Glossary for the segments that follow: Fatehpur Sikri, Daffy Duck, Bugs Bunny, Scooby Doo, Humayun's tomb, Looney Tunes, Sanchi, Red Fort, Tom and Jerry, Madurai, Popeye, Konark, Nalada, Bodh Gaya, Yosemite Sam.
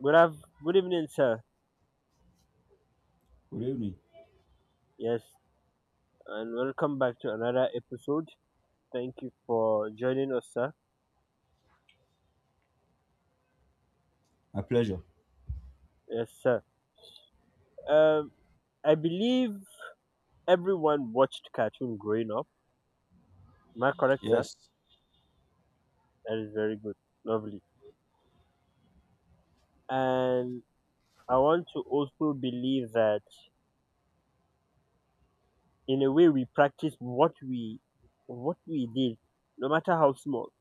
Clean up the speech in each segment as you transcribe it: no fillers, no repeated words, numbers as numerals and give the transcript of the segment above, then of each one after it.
Good, good evening, sir. Good evening. Yes, and welcome back to another episode. Thank you for joining us, sir. My pleasure. Yes, sir. Um, I believe everyone watched cartoon growing up. Am I correct, sir? Yes. That is very good. Lovely. And I want to also believe that in a way we practice what we did, no matter how small.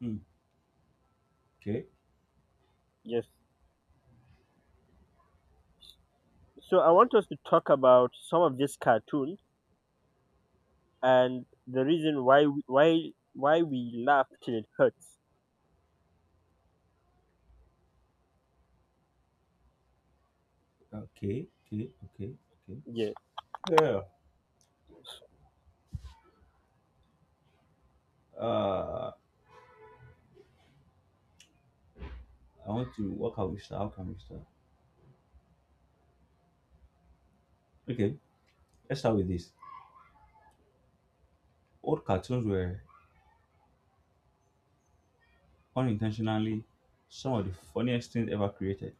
Hmm. Okay. Yes. So I want us to talk about some of these cartoons and the reason why we laugh till it hurts. Okay. Okay. Okay. Okay. Yeah. Yeah. Uh, I want to. What can we start? How can we start? Okay. Let's start with this. Old cartoons were unintentionally some of the funniest things ever created.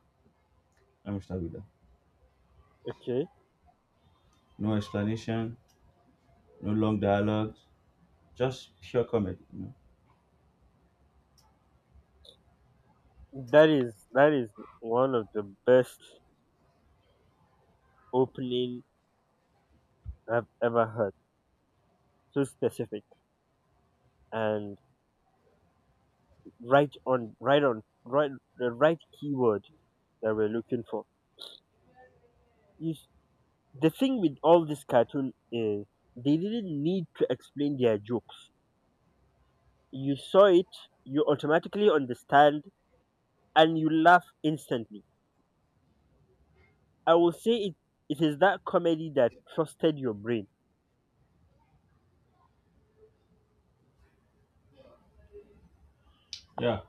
Let me start with that. Okay. No explanation. No long dialogues. Just pure comedy. That is one of the best opening I've ever heard, so specific, and right on, right on, the right keyword that we're looking for is the thing with all this cartoon is they didn't need to explain their jokes. You saw it, you automatically understand, and you laugh instantly. I will say it, it is that comedy that trusted your brain. Yeah.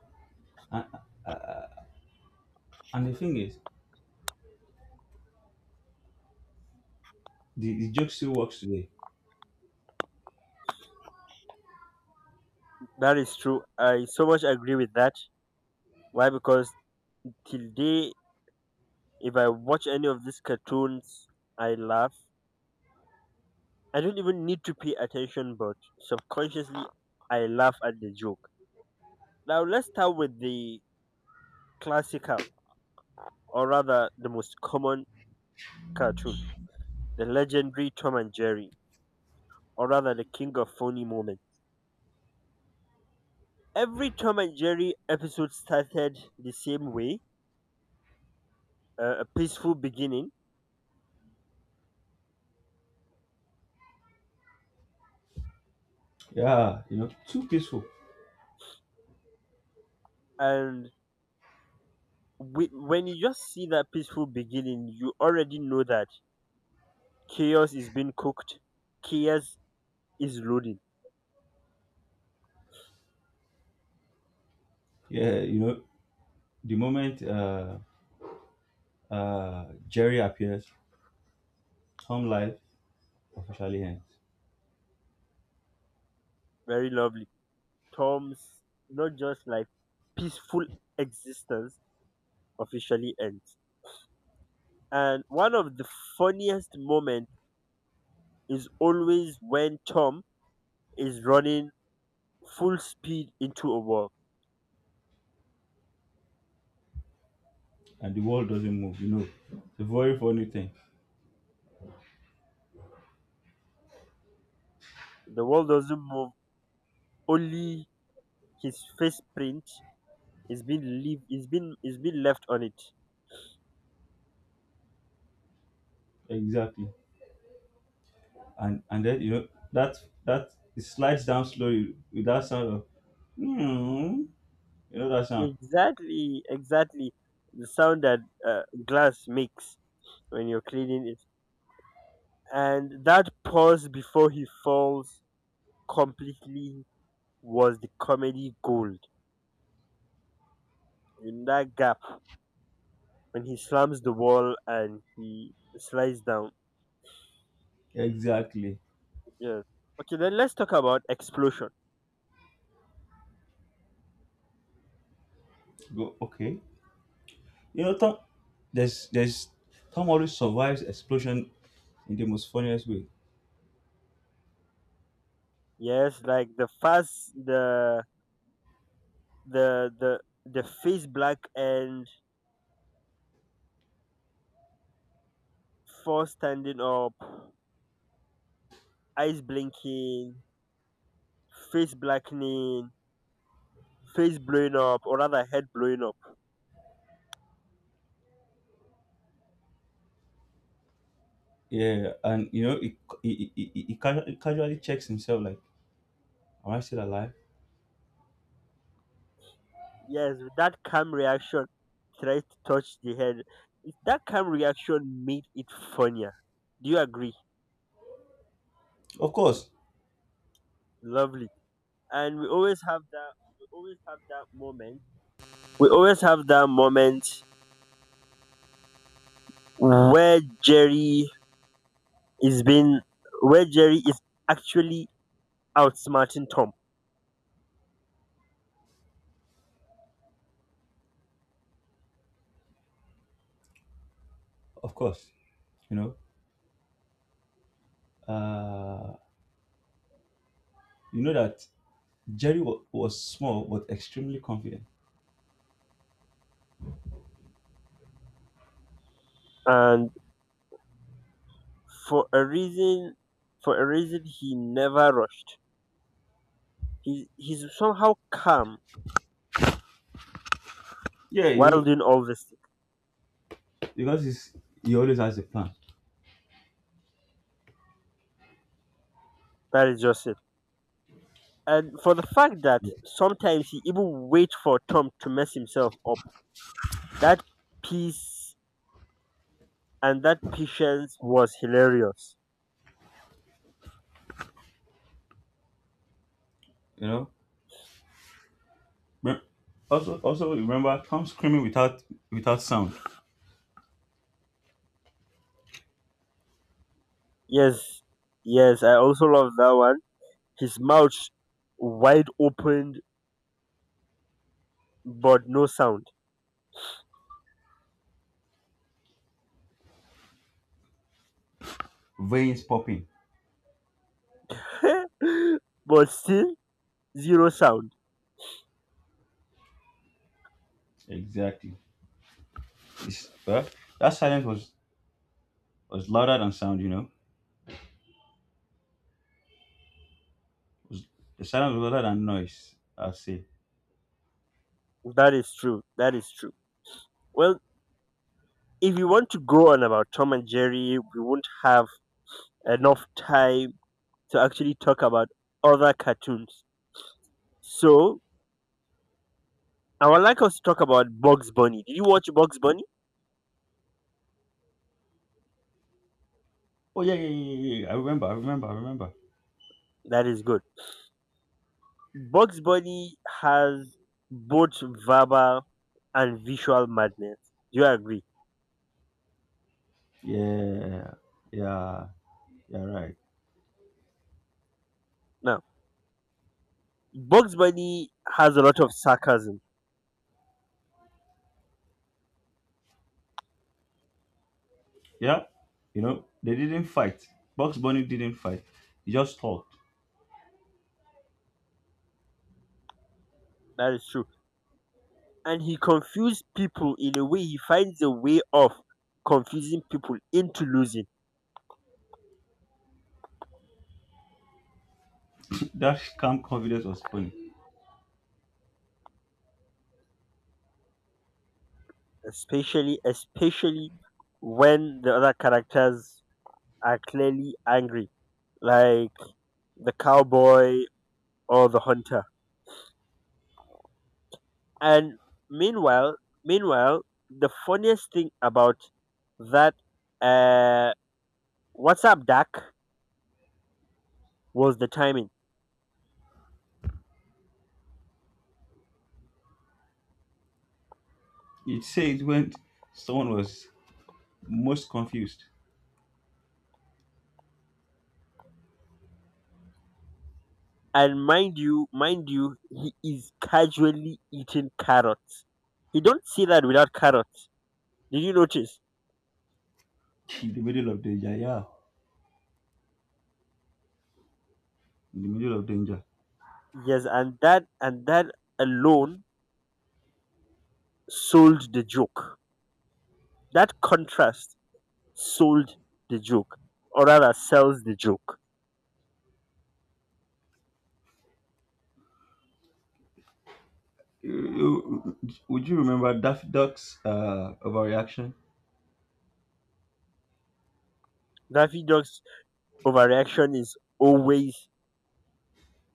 And, and the thing is, the joke still works today. That is true. I so much agree with that. Why? Because till day, if I watch any of these cartoons, I laugh. I don't even need to pay attention, but subconsciously, I laugh at the joke. Now, let's start with the classical, or rather, the most common cartoon, the legendary Tom and Jerry, or rather, the king of phony moments. Every Tom and Jerry episode started the same way, a peaceful beginning. Yeah, you know, too peaceful. And when you just see that peaceful beginning, you already know that chaos is being cooked, chaos is loading. Yeah, you know, the moment Jerry appears, Tom life officially ends, Very lovely. Tom's not just like peaceful existence officially ends, and one of the funniest moments is always when Tom is running full speed into a wall. and the world doesn't move. You know, it's a very funny thing. The wall doesn't move, only his face print is being leave is being left on it. Exactly, and then you know that it slides down slowly with that sound of hmm. You know that sound Exactly, exactly. The sound that glass makes when you're cleaning it. And that pause before he falls completely was the comedy gold. In that gap, when he slams the wall and he slides down. exactly. Yes. Okay, then let's talk about explosion. Go okay. You know Tom, there's Tom always survives explosion in the most funniest way. Yes, like the fast, the the the face black and four standing up, eyes blinking, face blackening, face blowing up or rather head blowing up. Yeah, and you know he casually checks himself like, am I still alive? Yes, with that calm reaction tried to touch the head. That calm reaction made it funnier. Do you agree? Of course, Lovely. And we always have that moment. We always have that moment where Jerry is being where Jerry is actually outsmarting Tom. of course. You know, Uh, you know that Jerry was small but extremely confident. And for a reason for a reason he never rushed. He's somehow calm Yeah, you while know doing all this. because he's, he always has a plan. That is just it. And for the fact that Yeah. sometimes he even wait for Tom to mess himself up, that peace and that patience was hilarious. You know. But also, also remember Tom screaming without sound, Yes, yes, I also love that one. His mouth wide opened, but no sound. veins popping. but still zero sound. Exactly. It's, well, that silence was louder than sound. Was, the silence was louder than noise. I say. That is true. That is true. Well, if you want to go on about Tom and Jerry, we won't have enough time to actually talk about other cartoons. So I would like us to talk about Bugs Bunny. Did you watch Bugs Bunny? Oh yeah, yeah, yeah, yeah, yeah, yeah. I remember. I remember. I remember. That is good. Bugs Bunny has both verbal and visual madness. Do you agree? Yeah, yeah, yeah. Right. Now, Bugs Bunny has a lot of sarcasm. Yeah, you know, they didn't fight. Bugs Bunny didn't fight. He just talked. That is true. And he confused people in a way, he finds a way of confusing people into losing, That calm confidence was funny. especially when the other characters are clearly angry, like the cowboy or the hunter. And meanwhile, meanwhile, the funniest thing about that uh, WhatsApp Dak was the timing. It said when someone was most confused And mind you, he is casually eating carrots. He don't see that without carrots. Did you notice? in the middle of danger. Yeah, in the middle of danger. Yes, and that alone sold the joke. That contrast sold the joke, or rather, sells the joke. You- you- Would you remember Daffy Duck's overreaction? Daffy Duck's overreaction is always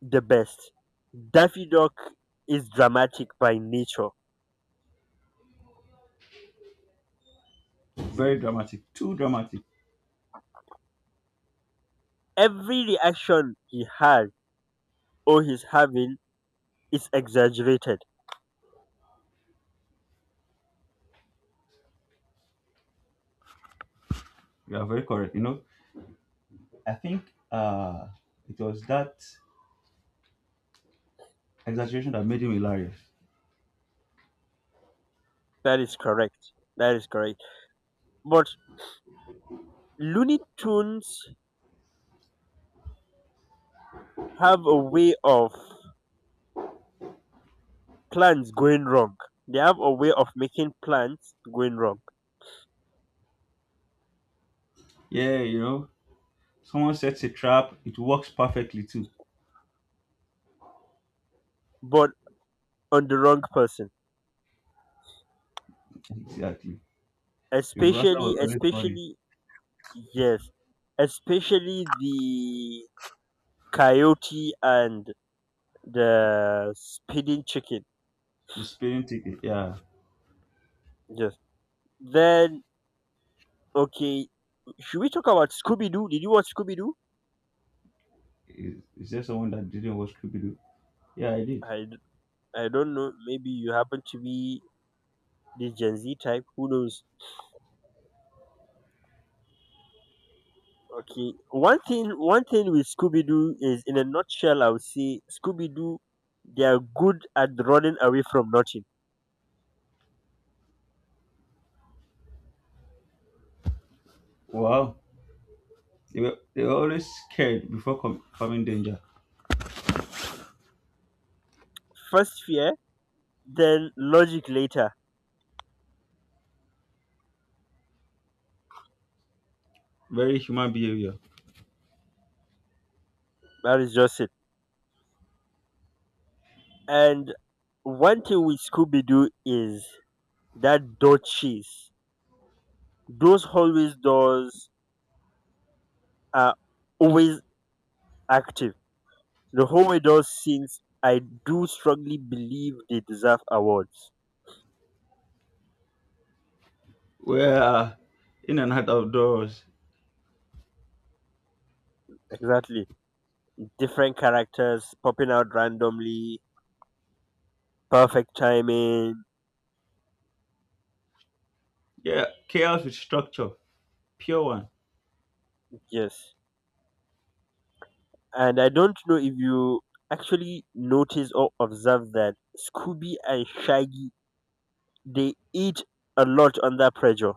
the best. Daffy Duck is dramatic by nature. Very dramatic. Too dramatic. Every reaction he has or he's having is exaggerated. You are very correct. I think it was that exaggeration that made him hilarious. That is correct. That is correct. But Looney Tunes have a way of plans going wrong. They have a way of making plans going wrong, Yeah, you know, someone sets a trap. It works perfectly too. but on the wrong person. Exactly. The reversal Especially, was always funny. especially, yes, especially the coyote and the speeding chicken. The spinning ticket, yeah. Yes. Then okay, should we talk about Scooby Doo? Did you watch Scooby Doo? Is there someone that didn't watch Scooby-Doo? Yeah, I did. I d- I don't know. Maybe you happen to be the Gen Z type. Who knows? Okay. One thing with Scooby Doo is, in a nutshell, I would say Scooby Doo, they are good at running away from nothing. Wow. They were always scared before coming danger. First fear, then logic later. Very human behavior. That is just it. And one thing with Scooby Doo is that door cheese. Those hallways doors are always active. The whole way does since I do strongly believe they deserve awards. We're in and out of doors. Exactly. Different characters popping out randomly, perfect timing. Yeah, chaos with structure. Pure one. Yes. And I don't know if you actually notice or observe that Scooby and Shaggy they eat a lot under pressure.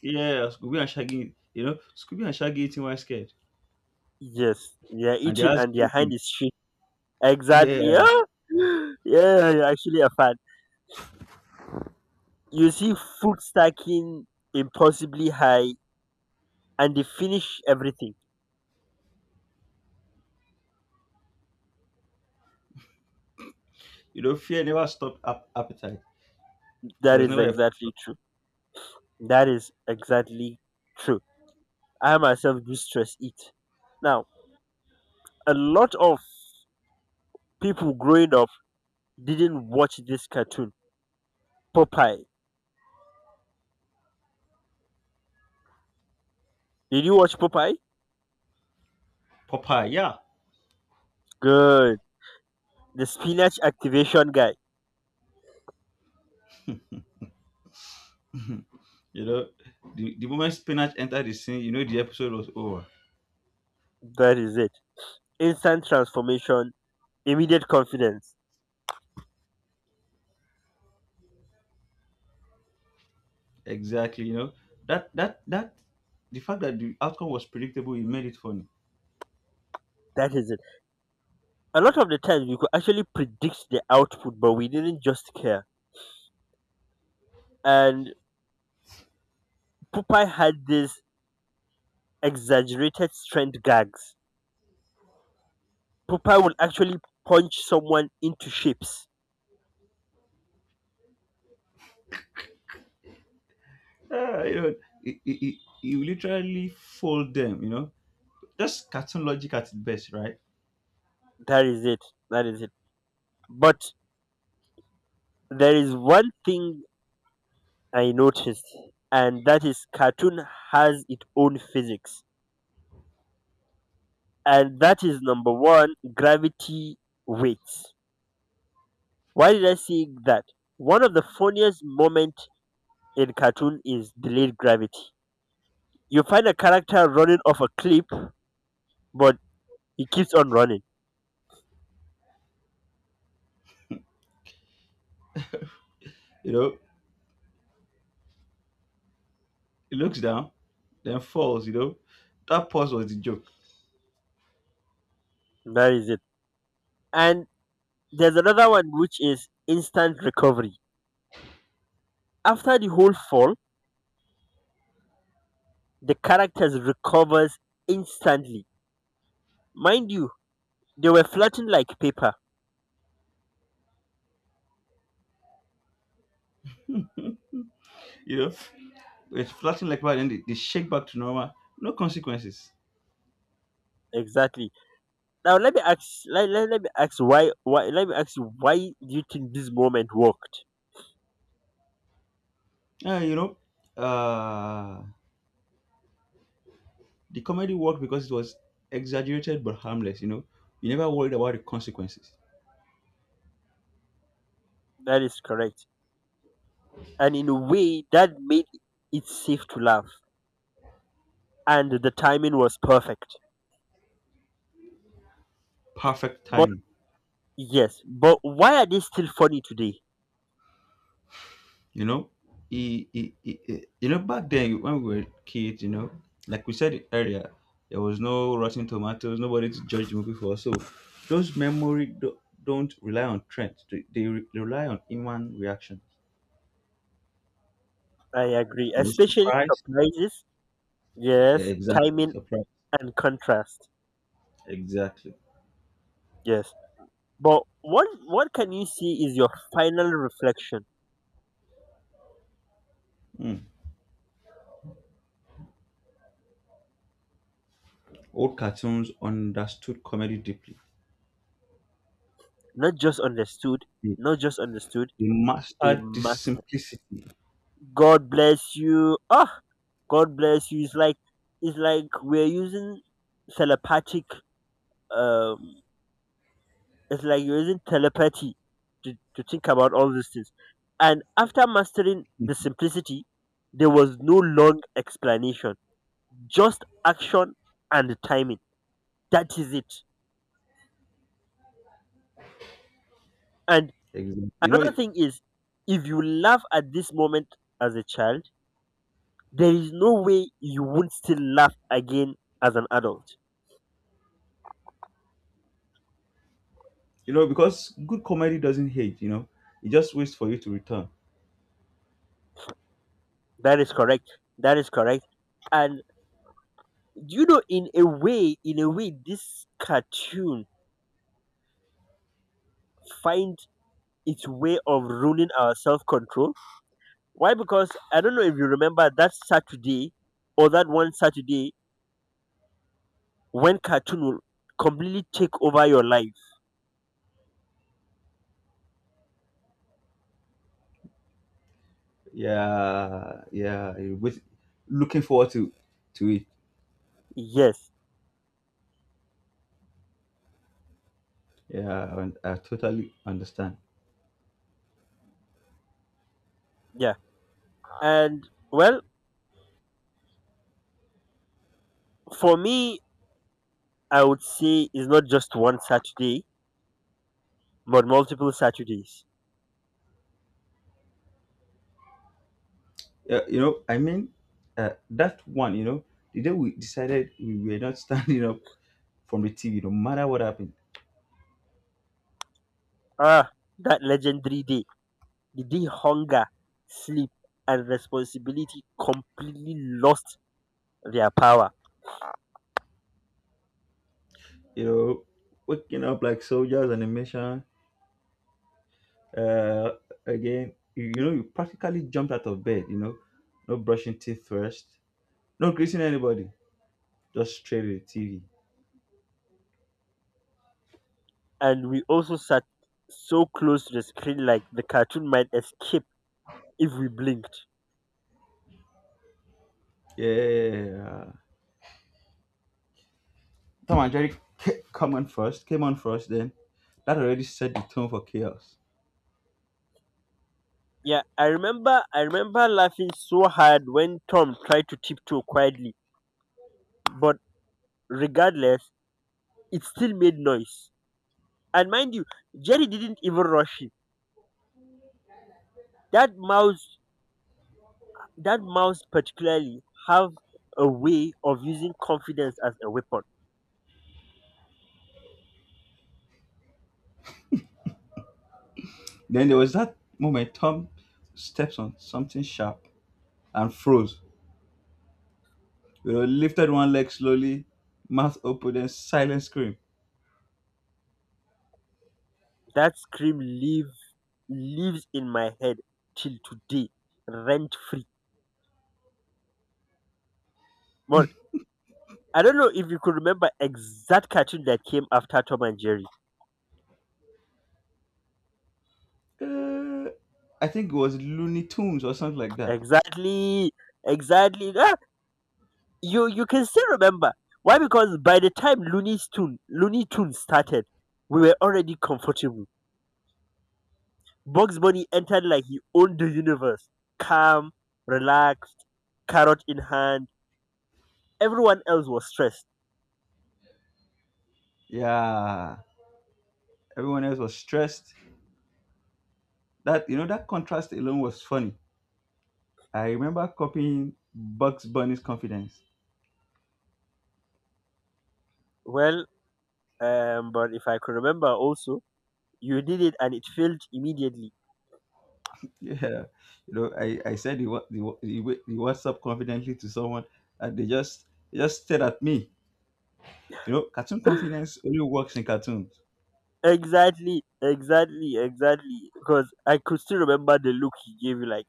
Yeah, Scooby and Shaggy, you know, Scooby and Shaggy eating while scared. Yes. They are And they eating are and their hand shaking. is shaking. Exactly. Yeah. Ah! Yeah, you're actually a fan. You see food stacking impossibly high and they finish everything. You know, fear never stopped appetite. It That was is never a exactly true. That is exactly true. I myself do stress eat. Now, a lot of people growing up didn't watch this cartoon, Popeye. Did you watch Popeye? Popeye. Yeah. Good. The spinach activation guy. You know, the moment spinach entered the scene, you know the episode was over. That is it. Instant transformation, immediate confidence. Exactly, you know. That that that the fact that the outcome was predictable, it made it funny. That is it. A lot of the times we could actually predict the output, but we didn't just care. And Popeye had these exaggerated strength gags. Pupa will actually punch someone into shapes. Ah, you know, it, it, it, you literally fold them, you know. Just cartoon logic at its best, right? That is it. That is it. But there is one thing I noticed, and that is cartoon has its own physics, and that is number one gravity weights. Why did I say that? One of the funniest moment in cartoon is delayed gravity. You find a character running off a cliff, but he keeps on running. You know, it looks down, then falls, you know. That pause was the joke, That is it. And there's another one which is instant recovery. After the whole fall, the characters recovers instantly. Mind you, they were flattened like paper. you know. It's flattened like that, then they shake back to normal. No consequences. Exactly. Now let me ask let, let, let me ask you why do you think this moment worked? Ah, you know, uh, The comedy worked because it was exaggerated but harmless, you know. You never worried about the consequences. That is correct. And in a way that made it safe to laugh. And the timing was perfect. Perfect But timing, yes, but why are they still funny today? you know. You know, back then when we were kids, you know, like we said earlier, there was no Rotten Tomatoes, nobody to judge the movie for. So those memory don't rely on trends; they, rely on human reaction. I agree. You know, Especially surprise, surprises. yeah, Yes. exactly, Timing surprise, and contrast. exactly. Yes. But what can you see is your final reflection, Hmm. Old cartoons understood comedy deeply. not just understood, not just understood. They They mastered the must. simplicity. God bless you. Ah, God bless you. it's like we're using telepathic. Um, it's like you're using telepathy to think about all these things. And after mastering the simplicity, there was no long explanation, just action and timing. That is it. And Exactly. Another thing is, if you laugh at this moment as a child, there is no way you won't still laugh again as an adult. Because good comedy doesn't hate. You know, it just waits for you to return. That is correct. That is correct. And you know, in a way, this cartoon find its way of ruling our self control. Why? Because I don't know if you remember that Saturday or that one Saturday when cartoon will completely take over your life. Yeah, yeah. Looking forward to it. Yes. Yeah, and I totally understand. Yeah. And well, for me, I would say is not just one Saturday, but multiple Saturdays. Yeah, that one. You know, the day we decided we were not standing up from the TV, no matter what happened. Ah, that legendary day, the day hunger, sleep, and responsibility completely lost their power. You know, waking up like soldiers animation. Uh, you know, you practically jumped out of bed. You know, no brushing teeth first, no greeting anybody, just straight to the TV. And we also sat so close to the screen like the cartoon might escape if we blinked. Yeah, Tom and Jerry came on first. Then that already set the tone for chaos. Yeah, I remember laughing so hard when Tom tried to tiptoe quietly, but regardless, it still made noise. And mind you, Jerry didn't even rush him. That mouse that mouse particularly have a way of using confidence as a weapon. Then there was that moment Tom steps on something sharp and froze. You know, lifted one leg slowly, mouth open, then silent scream. That scream lives in my head till today, rent free. But I don't know if you could remember exact cartoon that came after Tom and Jerry. Uh, I think it was Looney Tunes or something like that. Exactly, exactly. Ah, you can still remember. Why? Because by the time Looney Tunes started, we were already comfortable. Bugs Bunny entered like he owned the universe, calm, relaxed, carrot in hand. Everyone else was stressed. Yeah. Everyone else was stressed. That you know that contrast alone was funny. I remember copying Bugs Bunny's confidence. Well, but if I could remember also, you did it and it failed immediately. Yeah, you know, I said the WhatsApp confidently to someone, and they just stared at me. You know, cartoon confidence only works in cartoons. Exactly, exactly, exactly. Because I could still remember the look he gave you, like,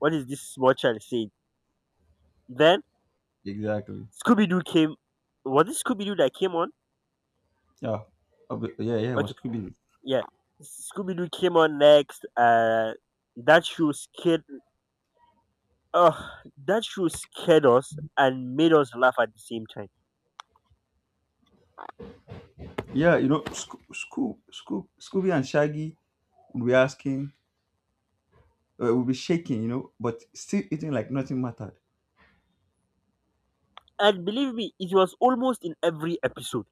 what is this small child saying? Then Exactly. Scooby Doo came. Was it Scooby Doo that came on? Yeah. Yeah, yeah, it Okay, was Scooby. yeah. Scooby Doo came on next. That show scared Ugh, that show scared us and made us laugh at the same time. Yeah, you know, Scooby and Shaggy would be asking, would be shaking, you know, but still eating like nothing mattered. And believe me, it was almost in every episode.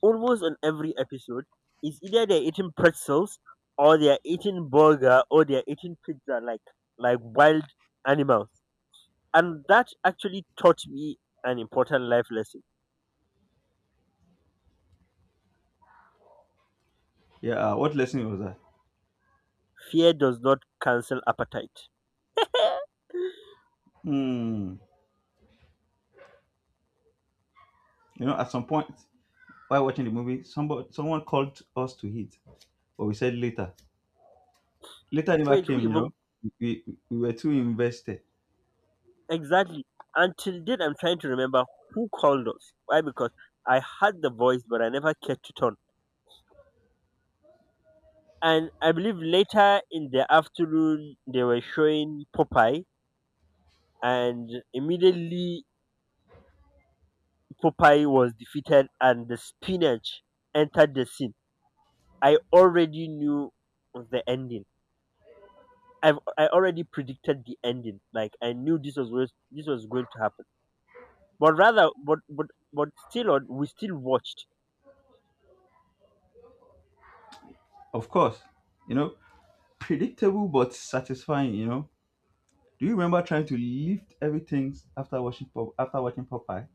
Almost in every episode, it's either they're eating pretzels or they're eating burger or they're eating pizza like wild animals. And that actually taught me an important life lesson. Yeah, what lesson was that? Fear does not cancel appetite. Hmm. You know, at some point while watching the movie, somebody someone called us to eat, but we said later. Later never Wait, who came. You even? know, we were too invested. Exactly? Until date I'm trying to remember who called us. Why? Because I had the voice but I never cared to turn. And I believe later in the afternoon they were showing Popeye, and immediately Popeye was defeated, and the spinach entered the scene. I already knew the ending. I already predicted the ending. Like I knew this this was going to happen. But rather, but still, on we still watched. Of course, you know, predictable but satisfying. You know, do you remember trying to lift everything after after watching Popeye?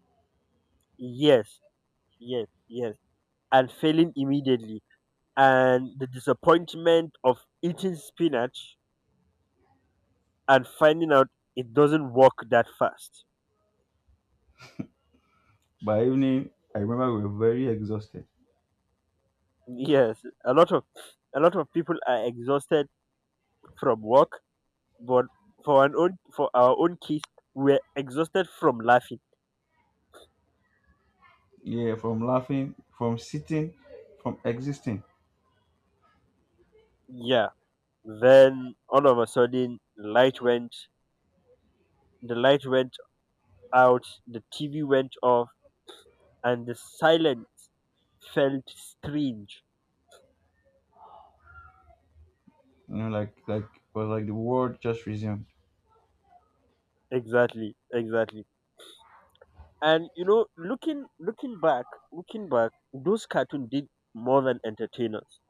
Yes, yes, yes, and failing immediately, and the disappointment of eating spinach and finding out it doesn't work that fast. By evening, I remember we were very exhausted. Yes, a lot of people are exhausted from work, but for our own kids, we're exhausted from laughing. Yeah, from laughing, from sitting, from existing. Yeah. Then all of a sudden, light went. The light went out. The TV went off, and the silence felt strange. You know, like it was like the world just resumed. Exactly. Exactly. And you know, looking back, those cartoons did more than entertain us.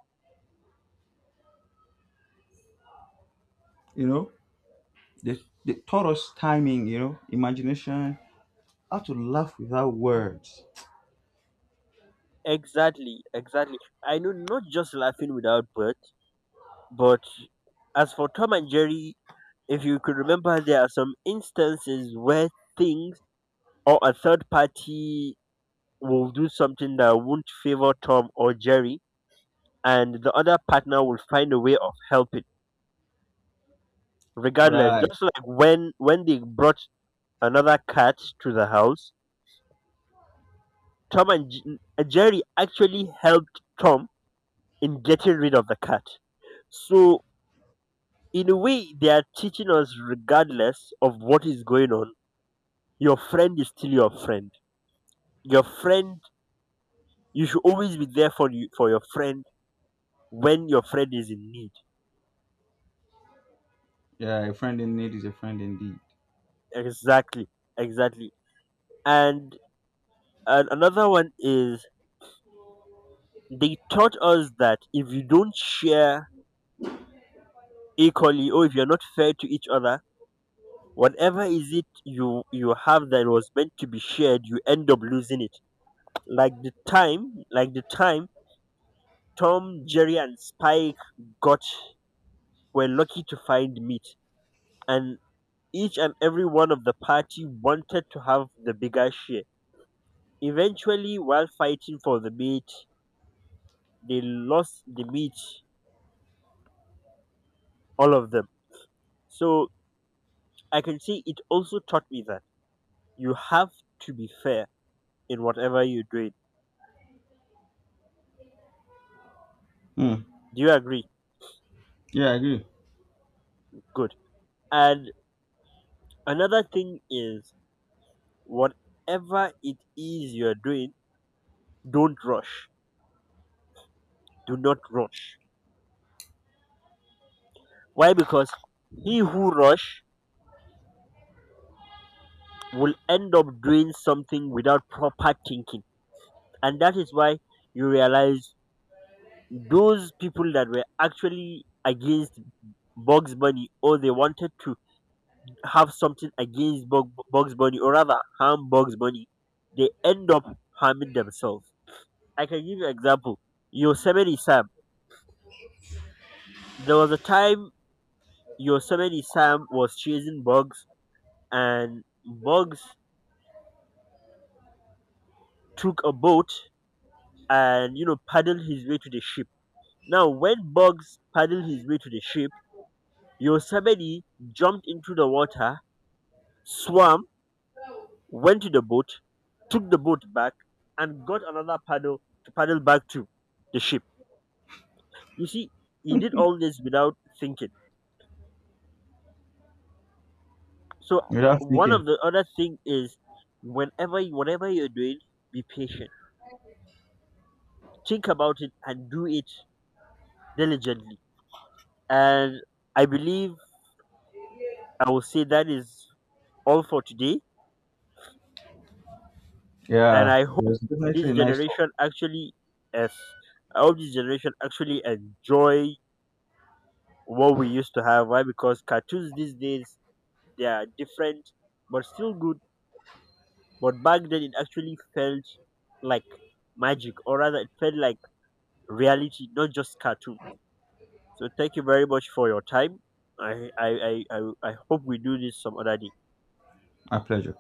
You know, they taught us timing. You know, imagination, how to laugh without words. Exactly, exactly. I know not just laughing without birth, but as for Tom and Jerry, if you could remember, there are some instances where things or a third party will do something that won't favor Tom or Jerry, and the other partner will find a way of helping, regardless. Right. Just like when they brought another cat to the house, Tom and Jerry actually helped Tom in getting rid of the cat. So in a way they are teaching us, regardless of what is going on, your friend is still your friend. Your friend, you should always be there for your friend when your friend is in need. Yeah, a friend in need is a friend indeed. Exactly, exactly. And, and another one is they taught us that if you don't share equally or if you're not fair to each other, whatever is it you have that was meant to be shared, you end up losing it. Like the time Tom, Jerry, and Spike got were lucky to find meat, and each and every one of the party wanted to have the bigger share. Eventually, while fighting for the meat, they lost the meat, all of them. So I can say it also taught me that you have to be fair in whatever you're doing. Hmm. Do you agree? Yeah, I agree. Good. And another thing is, whatever it is you're doing, don't rush. Do not rush. Why? Because he who rush will end up doing something without proper thinking. And that is why you realize those people that were actually against Bugs Bunny, or they wanted to have something against Bugs Bunny, or rather harm Bugs Bunny, they end up harming themselves. I can give you an example. Yosemite Sam. There was a time Yosemite Sam was chasing Bugs, and Bugs took a boat and, you know, paddle his way to the ship. Now, when Bugs paddled his way to the ship, Yosemite jumped into the water, swam, went to the boat, took the boat back, and got another paddle to paddle back to the ship. You see, he did all this without thinking. So Without one thinking. of the other thing is, whenever whatever you're doing, be patient. Think about it and do it diligently. And I believe I will say that is all for today. And Yeah. I It hope was this definitely a nice talk. generation actually is I hope this generation actually enjoy what we used to have. Why? Because cartoons these days, they are different but still good. But back then it actually felt like magic, or rather it felt like reality, not just cartoon. So thank you very much for your time. I hope we do this some other day. My pleasure.